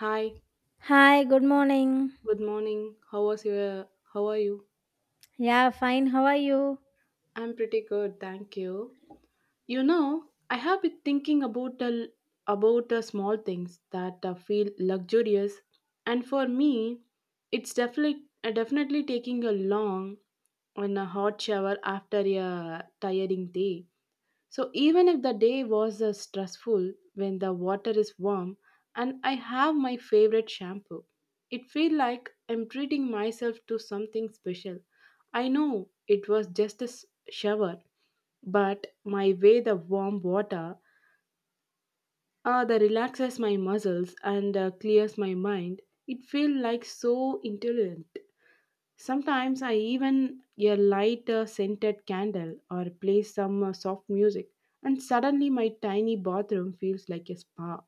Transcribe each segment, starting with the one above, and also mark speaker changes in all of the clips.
Speaker 1: Hi,
Speaker 2: Hi, good morning.
Speaker 1: good morning. How are you?
Speaker 2: Yeah, fine. How are you?
Speaker 1: I'm pretty good, thank you. You know, I have been thinking about the small things that feel luxurious and for me, it's definitely taking a long and a hot shower after a tiring day. So even if the day was stressful, when the water is warm and I have my favorite shampoo, it feel like I'm treating myself to something special. I know it was just a shower, but my way the warm water that relaxes my muscles and clears my mind, it feel like so intelligent. Sometimes I even a light scented candle or play some soft music and suddenly my tiny bathroom feels like a spa.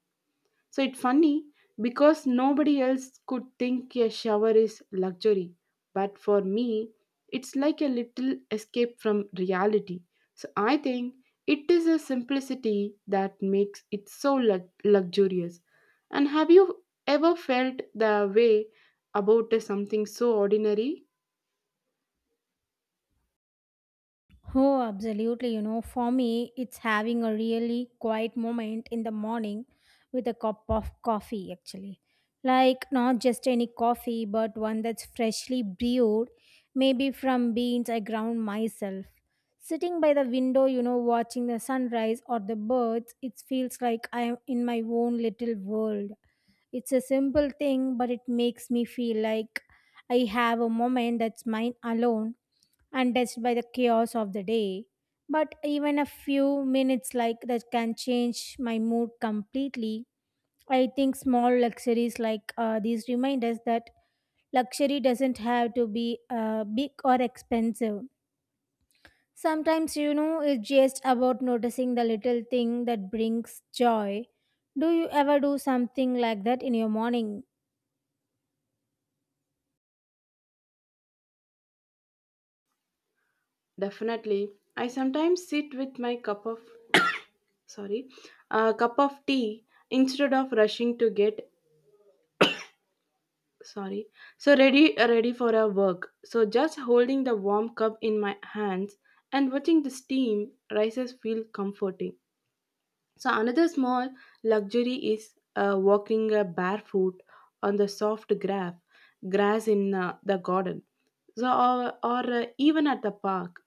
Speaker 1: So it's funny because nobody else could think a shower is luxury, but for me it's like a little escape from reality. So I think it is a simplicity that makes it so luxurious. And have you ever felt the way about something so ordinary?
Speaker 2: Oh, absolutely. You know, for me, it's having a really quiet moment in the morning with a cup of coffee, actually. Like, not just any coffee, but one that's freshly brewed, maybe from beans I ground myself. Sitting by the window, you know, watching the sunrise or the birds, it feels like I am in my own little world. It's a simple thing, but it makes me feel like I have a moment that's mine alone, untouched by the chaos of the day. But even a few minutes like that can change my mood completely. I think small luxuries like these remind us that luxury doesn't have to be big or expensive. Sometimes, you know, it's just about noticing the little thing that brings joy. Do you ever do something like that in your morning?
Speaker 1: Definitely. I sometimes sit with my sorry, a cup of tea instead of rushing to get sorry. So ready for a work. So just holding the warm cup in my hands and watching the steam rises feel comforting. So another small luxury is walking barefoot on the soft grass in the garden. So or even at the park.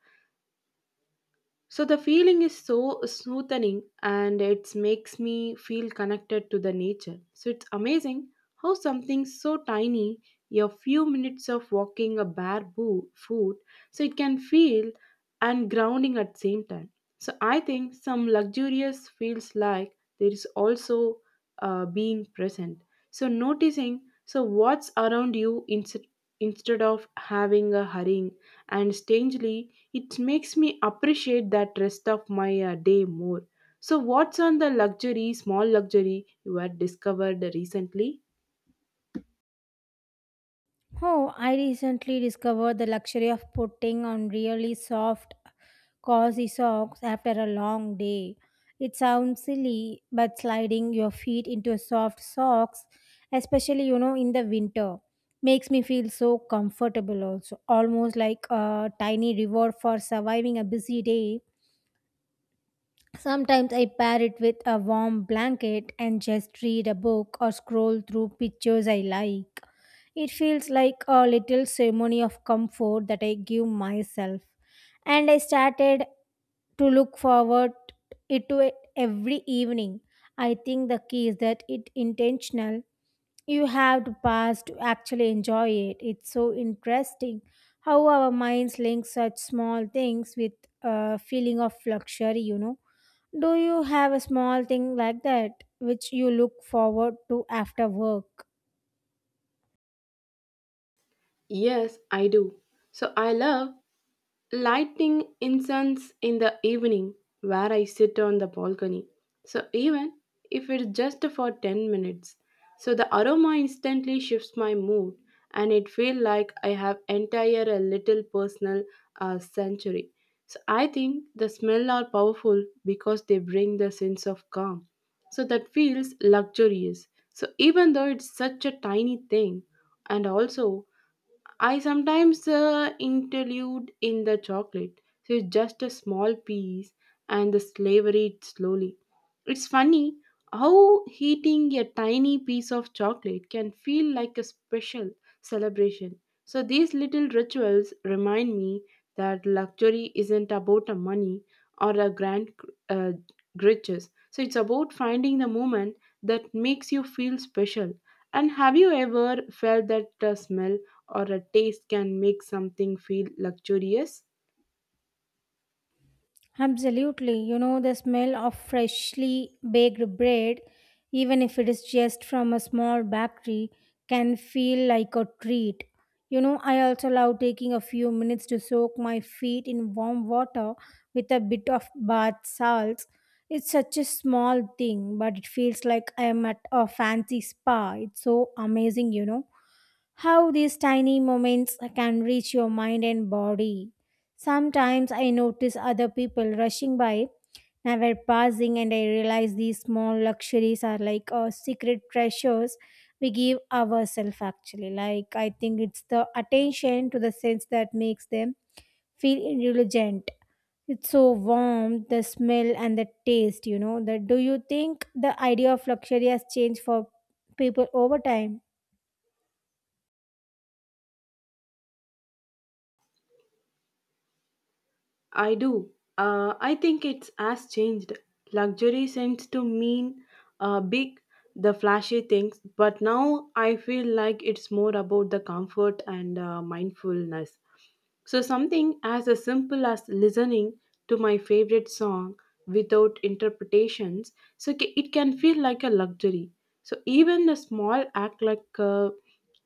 Speaker 1: So the feeling is so smoothing and it makes me feel connected to the nature. So it's amazing how something so tiny, a few minutes of walking a foot, so it can feel and grounding at the same time. So I think some luxurious feels like there is also being present. So noticing so what's around you instead of having a hurrying, and strangely it makes me appreciate that rest of my day more. So what's on the luxury small luxury you had discovered recently?
Speaker 2: Oh, I recently discovered the luxury of putting on really soft, cozy socks after a long day. It sounds silly, but sliding your feet into soft socks, especially you know in the winter, makes me feel so comfortable also, almost like a tiny reward for surviving a busy day. Sometimes I pair it with a warm blanket and just read a book or scroll through pictures I like. It feels like a little ceremony of comfort that I give myself. And I started to look forward it to it every evening. I think the key is that it intentional. You have to pass to actually enjoy it. It's so interesting how our minds link such small things with a feeling of luxury, you know. Do you have a small thing like that which you look forward to after work?
Speaker 1: Yes, I do. So I love lighting incense in the evening where I sit on the balcony. So even if it's just for 10 minutes, so the aroma instantly shifts my mood and it feels like I have entire a little personal century. So I think the smell are powerful because they bring the sense of calm. So that feels luxurious. So even though it's such a tiny thing. And also I sometimes interlude in the chocolate, so it's just a small piece and the slavery it slowly. It's funny how eating a tiny piece of chocolate can feel like a special celebration. So these little rituals remind me that luxury isn't about a money or a grand uh, riches. So it's about finding the moment that makes you feel special. And have you ever felt that smell or a taste can make something feel luxurious?
Speaker 2: Absolutely. You know, the smell of freshly baked bread, even if it is just from a small bakery, can feel like a treat. You know, I also love taking a few minutes to soak my feet in warm water with a bit of bath salts. It's such a small thing, but it feels like I am at a fancy spa. It's so amazing, you know, how these tiny moments can reach your mind and body. Sometimes I notice other people rushing by, never passing, and I realize these small luxuries are like secret treasures we give ourselves actually. Like, I think it's the attention to the sense that makes them feel indulgent. It's so warm, the smell and the taste, you know. That do you think the idea of luxury has changed for people over time?
Speaker 1: I do. I think it's has changed. Luxury seems to mean big, the flashy things, but now I feel like it's more about the comfort and mindfulness. So, something as a simple as listening to my favorite song without interpretations, so it can feel like a luxury. So, even a small act like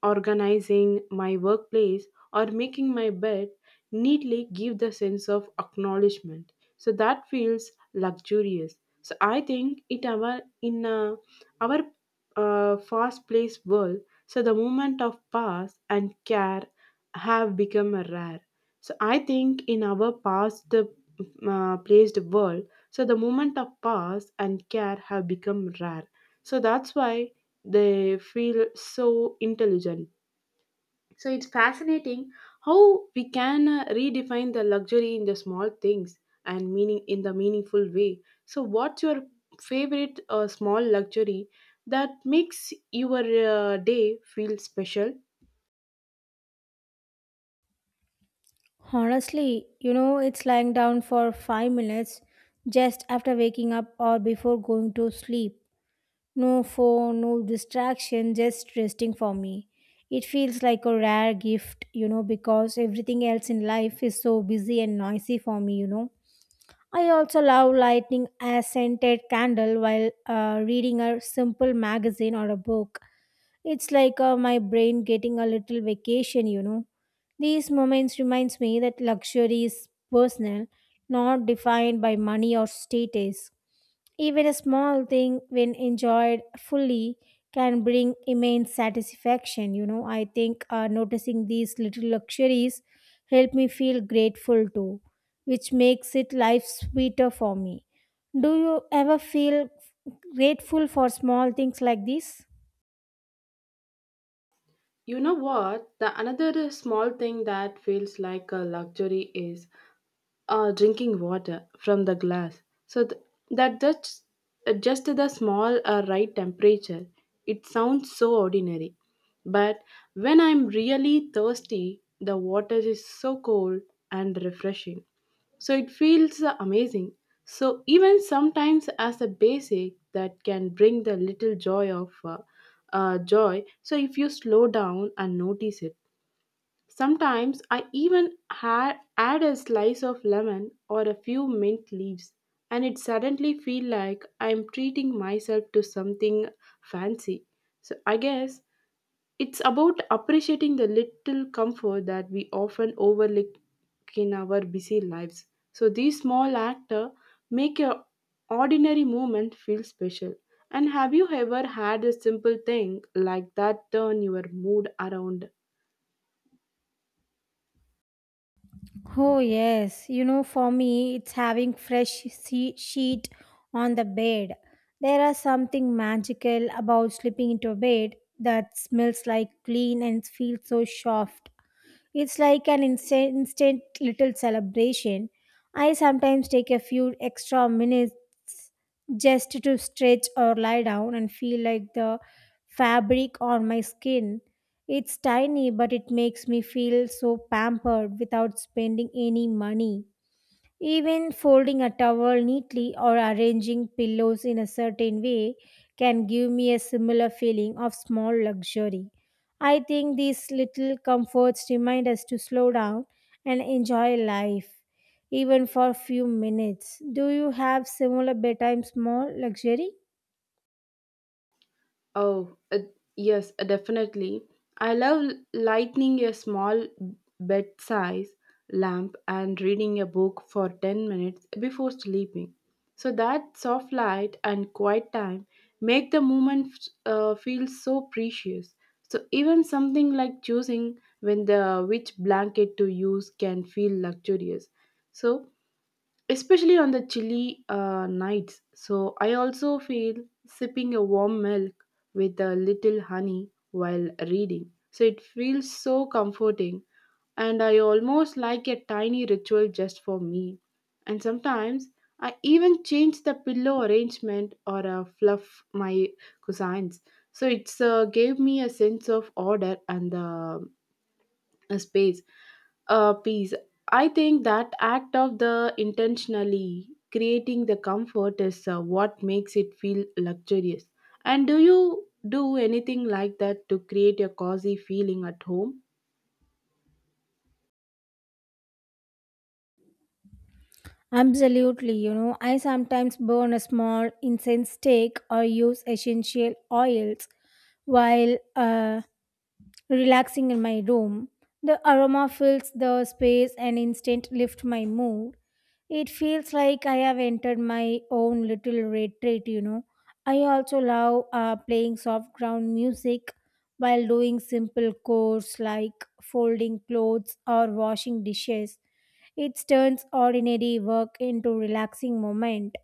Speaker 1: organizing my workplace or making my bed neatly give the sense of acknowledgement. So that feels luxurious. So I think it our in our fast-paced world, so the moment of pause and care have become a rare. So I think in our past placed world, so the moment of pause and care have become rare. So that's why they feel so intelligent. So it's fascinating how we can redefine the luxury in the small things and meaning in the meaningful way. So what's your favorite small luxury that makes your day feel special?
Speaker 2: Honestly, you know, it's lying down for 5 minutes just after waking up or before going to sleep. No phone, no distraction, just resting for me. It feels like a rare gift, you know, because everything else in life is so busy and noisy for me, you know. I also love lighting a scented candle while reading a simple magazine or a book. It's like my brain getting a little vacation, you know. These moments reminds me that luxury is personal, not defined by money or status. Even a small thing when enjoyed fully can bring immense satisfaction, you know. I think noticing these little luxuries help me feel grateful too, which makes it life sweeter for me. Do you ever feel grateful for small things like this?
Speaker 1: You know what? The another small thing that feels like a luxury is drinking water from the glass. So th- that that's just the small right temperature. It sounds so ordinary, but when I'm really thirsty, the water is so cold and refreshing. So it feels amazing. So even sometimes as a basic that can bring the little joy of joy. So if you slow down and notice it. Sometimes I even add a slice of lemon or a few mint leaves, and it suddenly feel like I am treating myself to something fancy. So I guess it's about appreciating the little comfort that we often overlook in our busy lives. So these small actor make your ordinary moment feel special. And have you ever had a simple thing like that turn your mood around?
Speaker 2: Oh, yes. You know, for me, it's having sheet on the bed. There is something magical about slipping into a bed that smells like clean and feels so soft. It's like an instant little celebration. I sometimes take a few extra minutes just to stretch or lie down and feel like the fabric on my skin. It's tiny, but it makes me feel so pampered without spending any money. Even folding a towel neatly or arranging pillows in a certain way can give me a similar feeling of small luxury. I think these little comforts remind us to slow down and enjoy life, even for a few minutes. Do you have similar bedtime small luxury?
Speaker 1: Oh, uh, yes, definitely. I love lighting a small bed size lamp and reading a book for 10 minutes before sleeping. So that soft light and quiet time make the moment feel so precious. So even something like choosing when the which blanket to use can feel luxurious. So especially on the chilly nights. So I also feel sipping a warm milk with a little honey while reading. So it feels so comforting, and I almost like a tiny ritual just for me. And sometimes I even change the pillow arrangement or fluff my cousins. So it's gave me a sense of order and a space peace. I think that act of the intentionally creating the comfort is what makes it feel luxurious. And do you do anything like that to create a cozy feeling at home?
Speaker 2: Absolutely, you know, I sometimes burn a small incense stick or use essential oils while relaxing in my room. The aroma fills the space and instant lift my mood. It feels like I have entered my own little retreat, you know. I also love playing soft ground music while doing simple chores like folding clothes or washing dishes. It turns ordinary work into relaxing moment.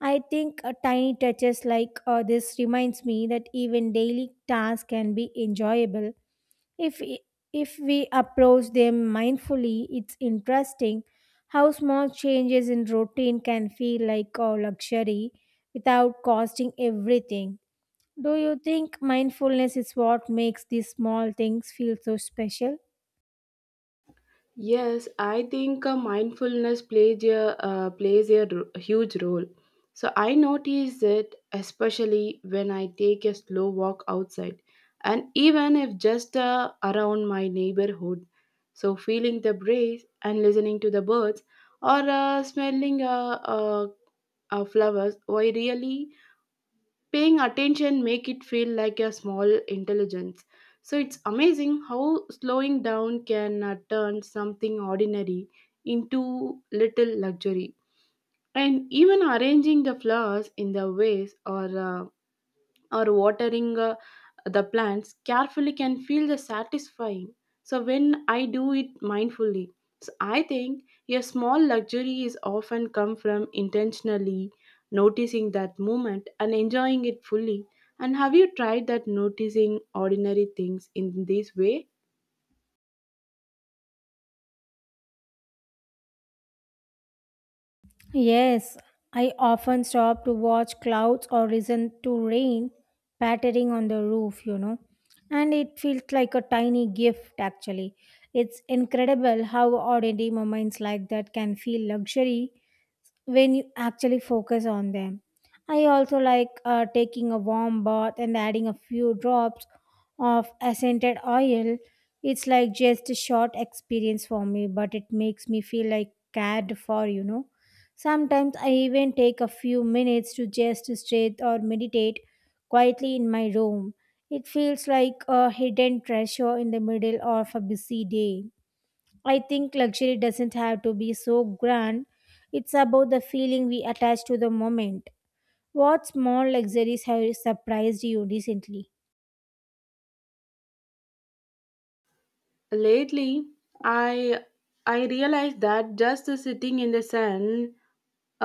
Speaker 2: I think tiny touches like this reminds me that even daily tasks can be enjoyable if i- if we approach them mindfully. It's interesting how small changes in routine can feel like a luxury without costing everything. Do you think mindfulness is what makes these small things feel so special?
Speaker 1: Yes, I think mindfulness plays a huge role. So I notice it especially when I take a slow walk outside, and even if just around my neighborhood. So feeling the breeze and listening to the birds, or smelling uh, flowers, I really paying attention make it feel like a small intelligence. So it's amazing how slowing down can turn something ordinary into little luxury. And even arranging the flowers in the vase uh, or watering the plants carefully can feel the satisfying, so when I do it mindfully. So I think a small luxury is often come from intentionally noticing that moment and enjoying it fully. And have you tried that noticing ordinary things in this way?
Speaker 2: Yes, I often stop to watch clouds or listen to rain pattering on the roof, you know. And it feels like a tiny gift, actually. It's incredible how ordinary moments like that can feel luxury when you actually focus on them. I also like taking a warm bath and adding a few drops of scented oil. It's like just a short experience for me, but it makes me feel like cared for, you know. Sometimes I even take a few minutes to just sit or meditate quietly in my room. It feels like a hidden treasure in the middle of a busy day. I think luxury doesn't have to be so grand. It's about the feeling we attach to the moment. What small luxuries have surprised you recently?
Speaker 1: Lately i I realized that just sitting in the sun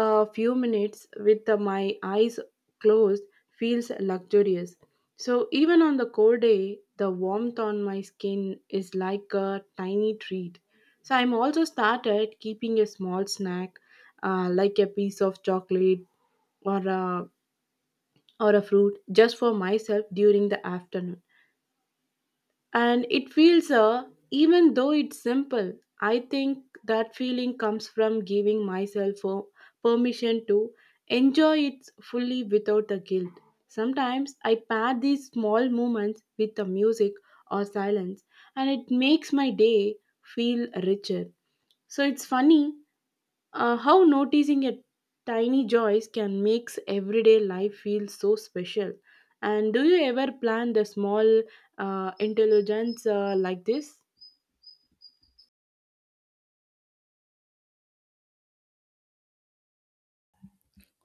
Speaker 1: a few minutes with my eyes closed feels luxurious. So, even on the cold day, the warmth on my skin is like a tiny treat. So, I'm also started keeping a small snack like a piece of chocolate or a, or a fruit just for myself during the afternoon, and it feels even though it's simple. I think that feeling comes from giving myself permission to enjoy it fully without the guilt. Sometimes I pair these small moments with the music or silence, and it makes my day feel richer. So it's funny how noticing a tiny joys can makes everyday life feel so special. And do you ever plan the small intelligence like this?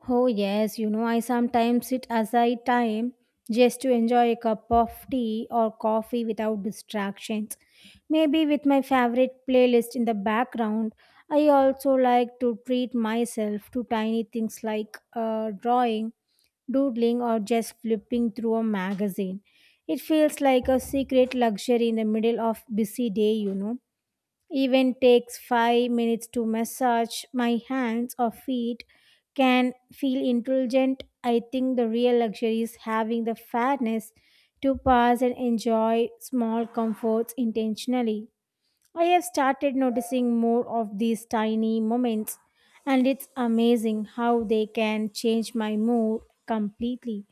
Speaker 2: Oh, yes, you know, I sometimes sit aside time just to enjoy a cup of tea or coffee without distractions. Maybe with my favorite playlist in the background, I also like to treat myself to tiny things like drawing, doodling, or just flipping through a magazine. It feels like a secret luxury in the middle of busy day, you know. Even takes 5 minutes to massage my hands or feet can feel indulgent. I think the real luxury is having the fairness to pass and enjoy small comforts intentionally. I have started noticing more of these tiny moments, and it's amazing how they can change my mood completely.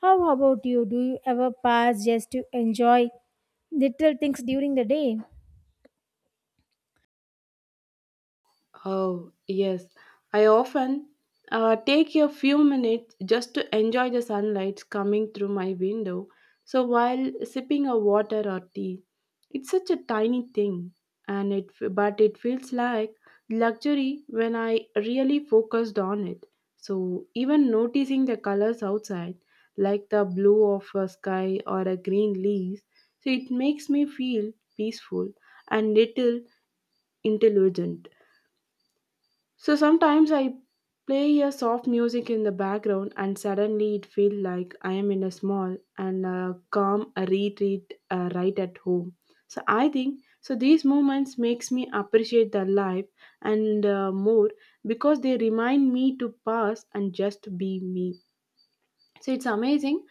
Speaker 2: How about you? Do you ever pass just to enjoy little things during the day?
Speaker 1: Oh, yes. I often take a few minutes just to enjoy the sunlight coming through my window. So while sipping a water or tea, it's such a tiny thing, and it but it feels like luxury when I really focused on it. So even noticing the colors outside, like the blue of a sky or a green leaves, so it makes me feel peaceful and little intelligent. So sometimes I play a soft music in the background and suddenly it feels like I am in a small and calm retreat right at home. So I think so these moments makes me appreciate the life and more because they remind me to pause and just be me. So it's amazing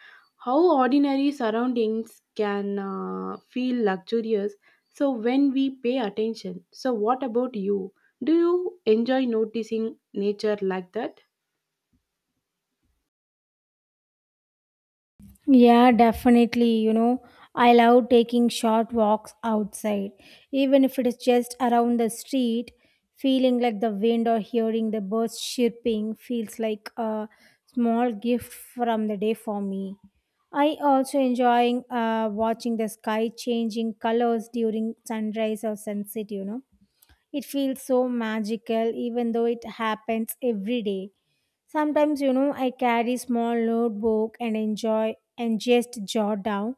Speaker 1: how ordinary surroundings can feel luxurious. So when we pay attention. So what about you? Do you enjoy noticing nature like that?
Speaker 2: Yeah, definitely. You know, I love taking short walks outside, even if it is just around the street. Feeling like the wind or hearing the birds chirping feels like a small gift from the day for me. I also enjoying watching the sky changing colors during sunrise or sunset, you know, it feels so magical, even though it happens every day. Sometimes, you know, I carry small notebook and enjoy and just jot down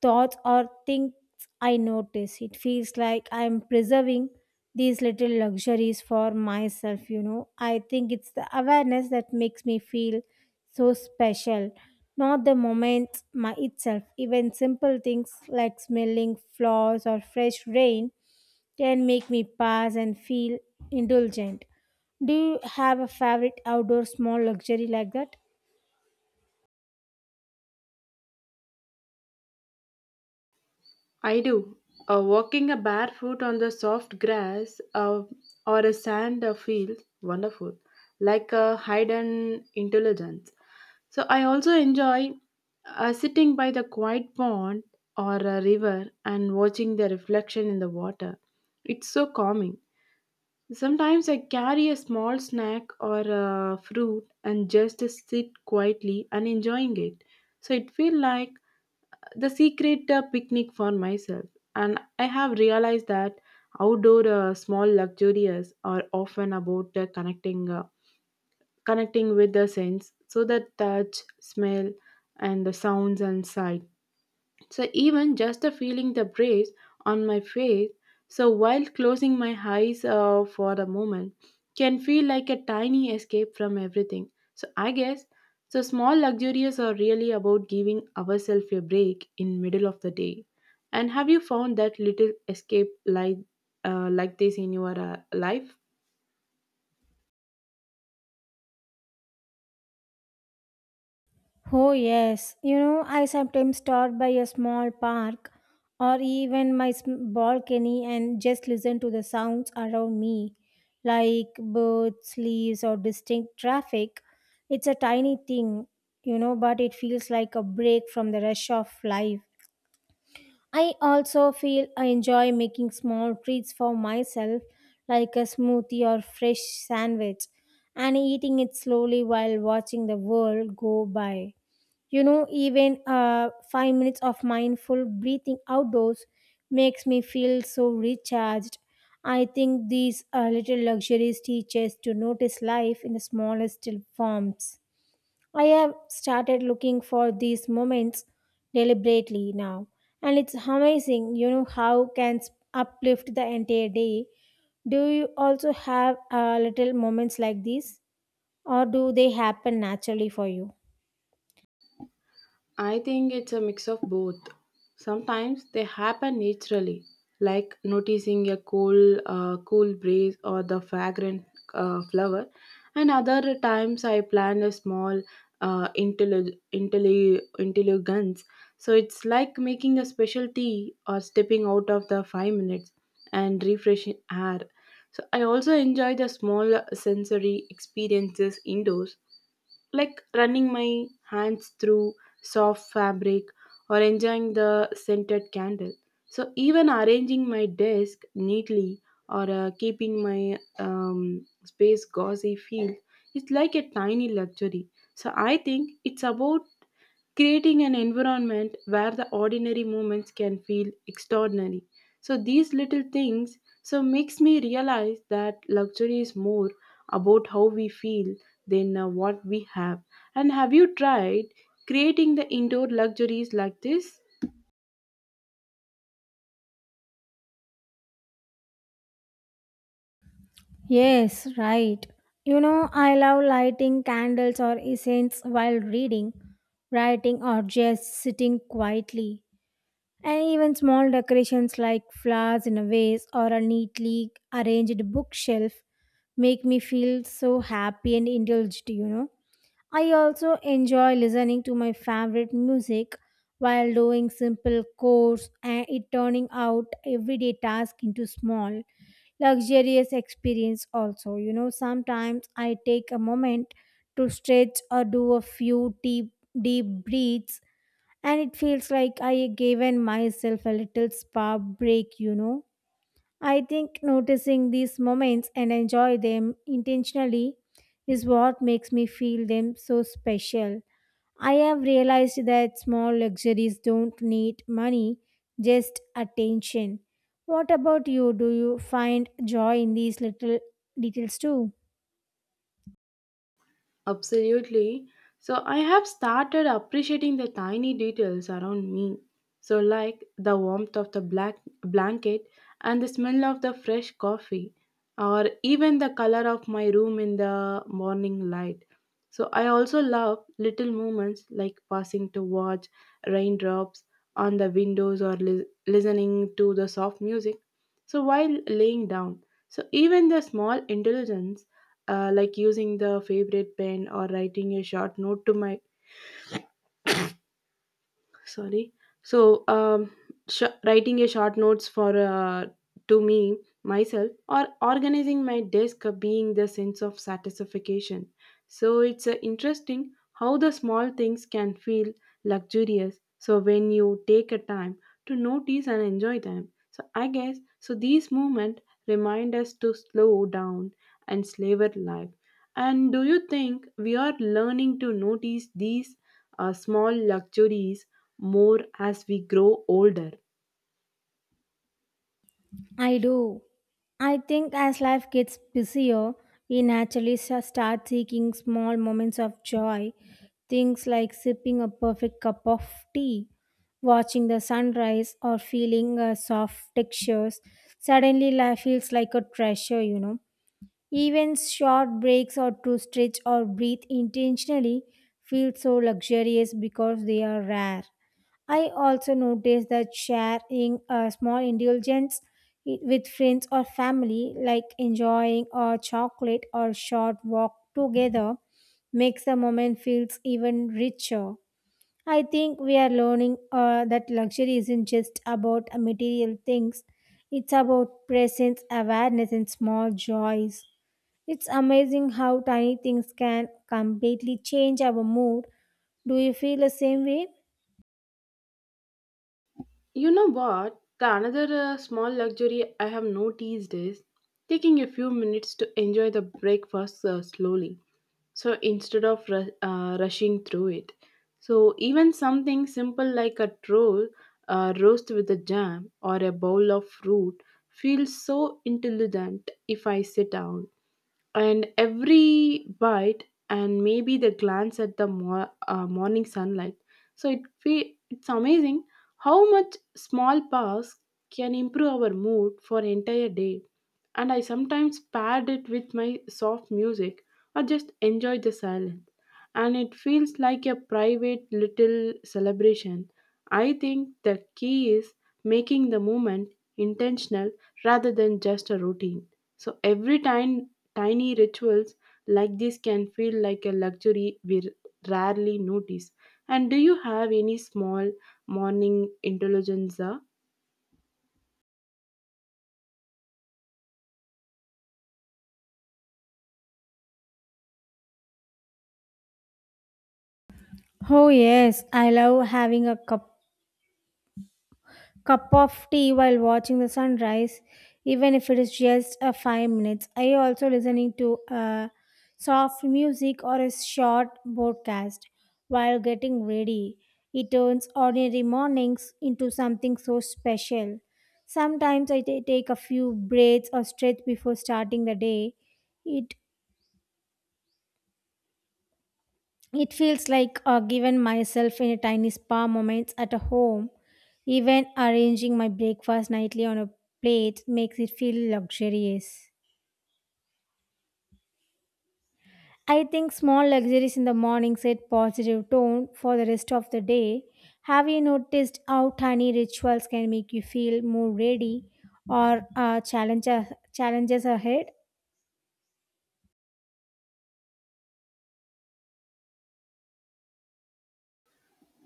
Speaker 2: thoughts or things I notice. It feels like I'm preserving these little luxuries for myself, you know. I think it's the awareness that makes me feel so special, not the moment my itself. Even simple things like smelling flowers or fresh rain can make me pause and feel indulgent. Do you have a favorite outdoor small luxury like that?
Speaker 1: I do. Walking a barefoot on the soft grass or a sand field, wonderful, like a hidden intelligence. So I also enjoy sitting by the quiet pond or a river and watching the reflection in the water. It's so calming. Sometimes I carry a small snack or a fruit and just sit quietly and enjoying it. So it feels like the secret picnic for myself. And I have realized that outdoor small luxuries are often about connecting with the sense, so that touch, smell, and the sounds and sight. So even just the feeling the breeze on my face, so while closing my eyes for a moment, can feel like a tiny escape from everything. So I guess so small luxurious are really about giving ourselves a break in middle of the day. And have you found that little escape like this in your life?
Speaker 2: Oh, yes. You know, I sometimes stop by a small park or even my balcony and just listen to the sounds around me, like birds, leaves, or distinct traffic. It's a tiny thing, you know, but it feels like a break from the rush of life. I also feel I enjoy making small treats for myself, like a smoothie or fresh sandwich, and eating it slowly while watching the world go by. You know, even 5 minutes of mindful breathing outdoors makes me feel so recharged. I think these little luxuries teach us to notice life in the smallest forms. I have started looking for these moments deliberately now, and it's amazing, you know, how uplift the entire day. Do you also have little moments like these, or do they happen naturally for you?
Speaker 1: I think it's a mix of both. Sometimes they happen naturally, like noticing a cool, cool breeze or the fragrant flower, and other times I plan a small intelligence. So it's like making a special tea or stepping out of the 5 minutes and refreshing air. So I also enjoy the small sensory experiences indoors like running my hands through soft fabric or enjoying the scented candle. So, even arranging my desk neatly or keeping my space gauzy feel is like a tiny luxury. So, I think it's about creating an environment where the ordinary moments can feel extraordinary, so these little things so makes me realize that luxury is more about how we feel than what we have. And have you tried creating the indoor luxuries like this?
Speaker 2: Yes, right. You know, I love lighting candles or incense while reading, writing, or just sitting quietly. And even small decorations like flowers in a vase or a neatly arranged bookshelf make me feel so happy and indulged, you know. I also enjoy listening to my favorite music while doing simple chores, and it turning out everyday task into small luxurious experience also, you know. Sometimes I take a moment to stretch or do a few deep breaths, and it feels like I given myself a little spa break, you know. I think noticing these moments and enjoy them intentionally is what makes me feel them so special. I have realized that small luxuries don't need money, just attention. What about you? Do you find joy in these little details too?
Speaker 1: Absolutely. So I have started appreciating the tiny details around me. So like the warmth of the black blanket and the smell of the fresh coffee or even the color of my room in the morning light. So I also love little moments like passing to watch raindrops on the windows or listening to the soft music so while laying down. So even the small intelligence like using the favorite pen or writing a short note to my sorry so writing a short notes for to me myself or organizing my desk being the sense of satisfaction, so it's interesting how the small things can feel luxurious so when you take a time to notice and enjoy them. So I guess so these movements remind us to slow down and savor life. And do you think we are learning to notice these small luxuries more as we grow older?
Speaker 2: I do. I think as life gets busier, we naturally start seeking small moments of joy. Things like sipping a perfect cup of tea, watching the sunrise, or feeling soft textures. Suddenly, life feels like a treasure, you know. Even short breaks or to stretch or breathe intentionally feel so luxurious because they are rare. I also noticed that sharing small indulgence with friends or family, like enjoying a chocolate or short walk together, makes the moment feels even richer. I think we are learning that luxury isn't just about material things; it's about presence, awareness, and small joys. It's amazing how tiny things can completely change our mood. Do you feel the same way?
Speaker 1: You know what? The another small luxury I have noticed is taking a few minutes to enjoy the breakfast slowly. So instead of rushing through it, so even something simple like a roll, roast with a jam, or a bowl of fruit feels so intelligent if I sit down, and every bite, and maybe the glance at the morning sunlight. So it's amazing how much small paths can improve our mood for entire day, and I sometimes paired it with my soft music or just enjoy the silence and it feels like a private little celebration. I think the key is making the movement intentional rather than just a routine. So every time tiny rituals like this can feel like a luxury we rarely notice. And do you have any small morning intelligence?
Speaker 2: Oh, yes, I love having cup of tea while watching the sunrise, even if it is just a 5 minutes. I also listening to soft music or a short broadcast while getting ready. It turns ordinary mornings into something so special. Sometimes I take a few breaths or stretch before starting the day. It It feels like given myself in a tiny spa moments at a home. Even arranging my breakfast nightly on a plate makes it feel luxurious. I think small luxuries in the morning set positive tone for the rest of the day. Have you noticed how tiny rituals can make you feel more ready or challenges ahead?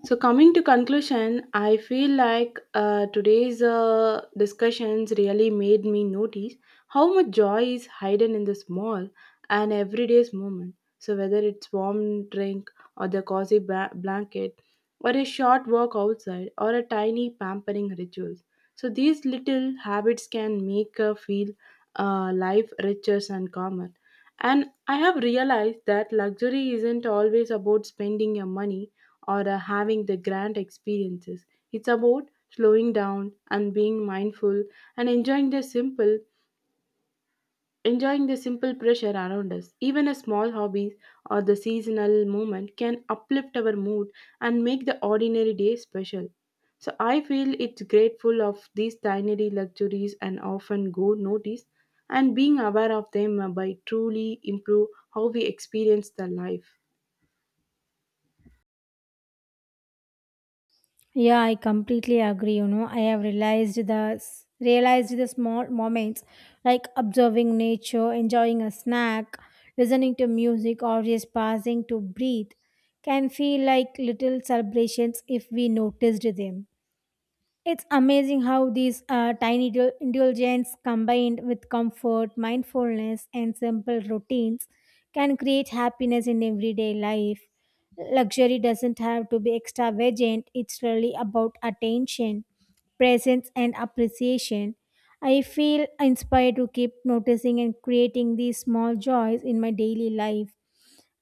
Speaker 1: So coming to conclusion, I feel like today's discussions really made me notice how much joy is hidden in the small and everyday's moment. So whether it's warm drink or the cozy blanket, or a short walk outside, or a tiny pampering rituals. So these little habits can make feel life richer and calmer. And I have realized that luxury isn't always about spending your money or having the grand experiences. It's about slowing down and being mindful and enjoying the simple pressure around us. Even a small hobby or the seasonal moment can uplift our mood and make the ordinary day special. So I feel it's grateful of these tiny luxuries and often go noticed and being aware of them by truly improve how we experience the life.
Speaker 2: Yeah, I completely agree. You know, I have realized the small moments like observing nature, enjoying a snack, listening to music, or just pausing to breathe can feel like little celebrations if we noticed them. It's amazing how these indulgence combined with comfort, mindfulness, and simple routines can create happiness in everyday life. Luxury doesn't have to be extravagant, it's really about attention, presence, and appreciation. I feel inspired to keep noticing and creating these small joys in my daily life.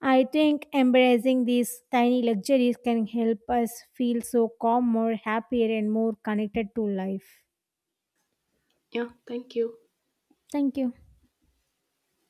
Speaker 2: I think embracing these tiny luxuries can help us feel so calm, more happier, and more connected to life.
Speaker 1: Yeah, thank you.
Speaker 2: Thank you.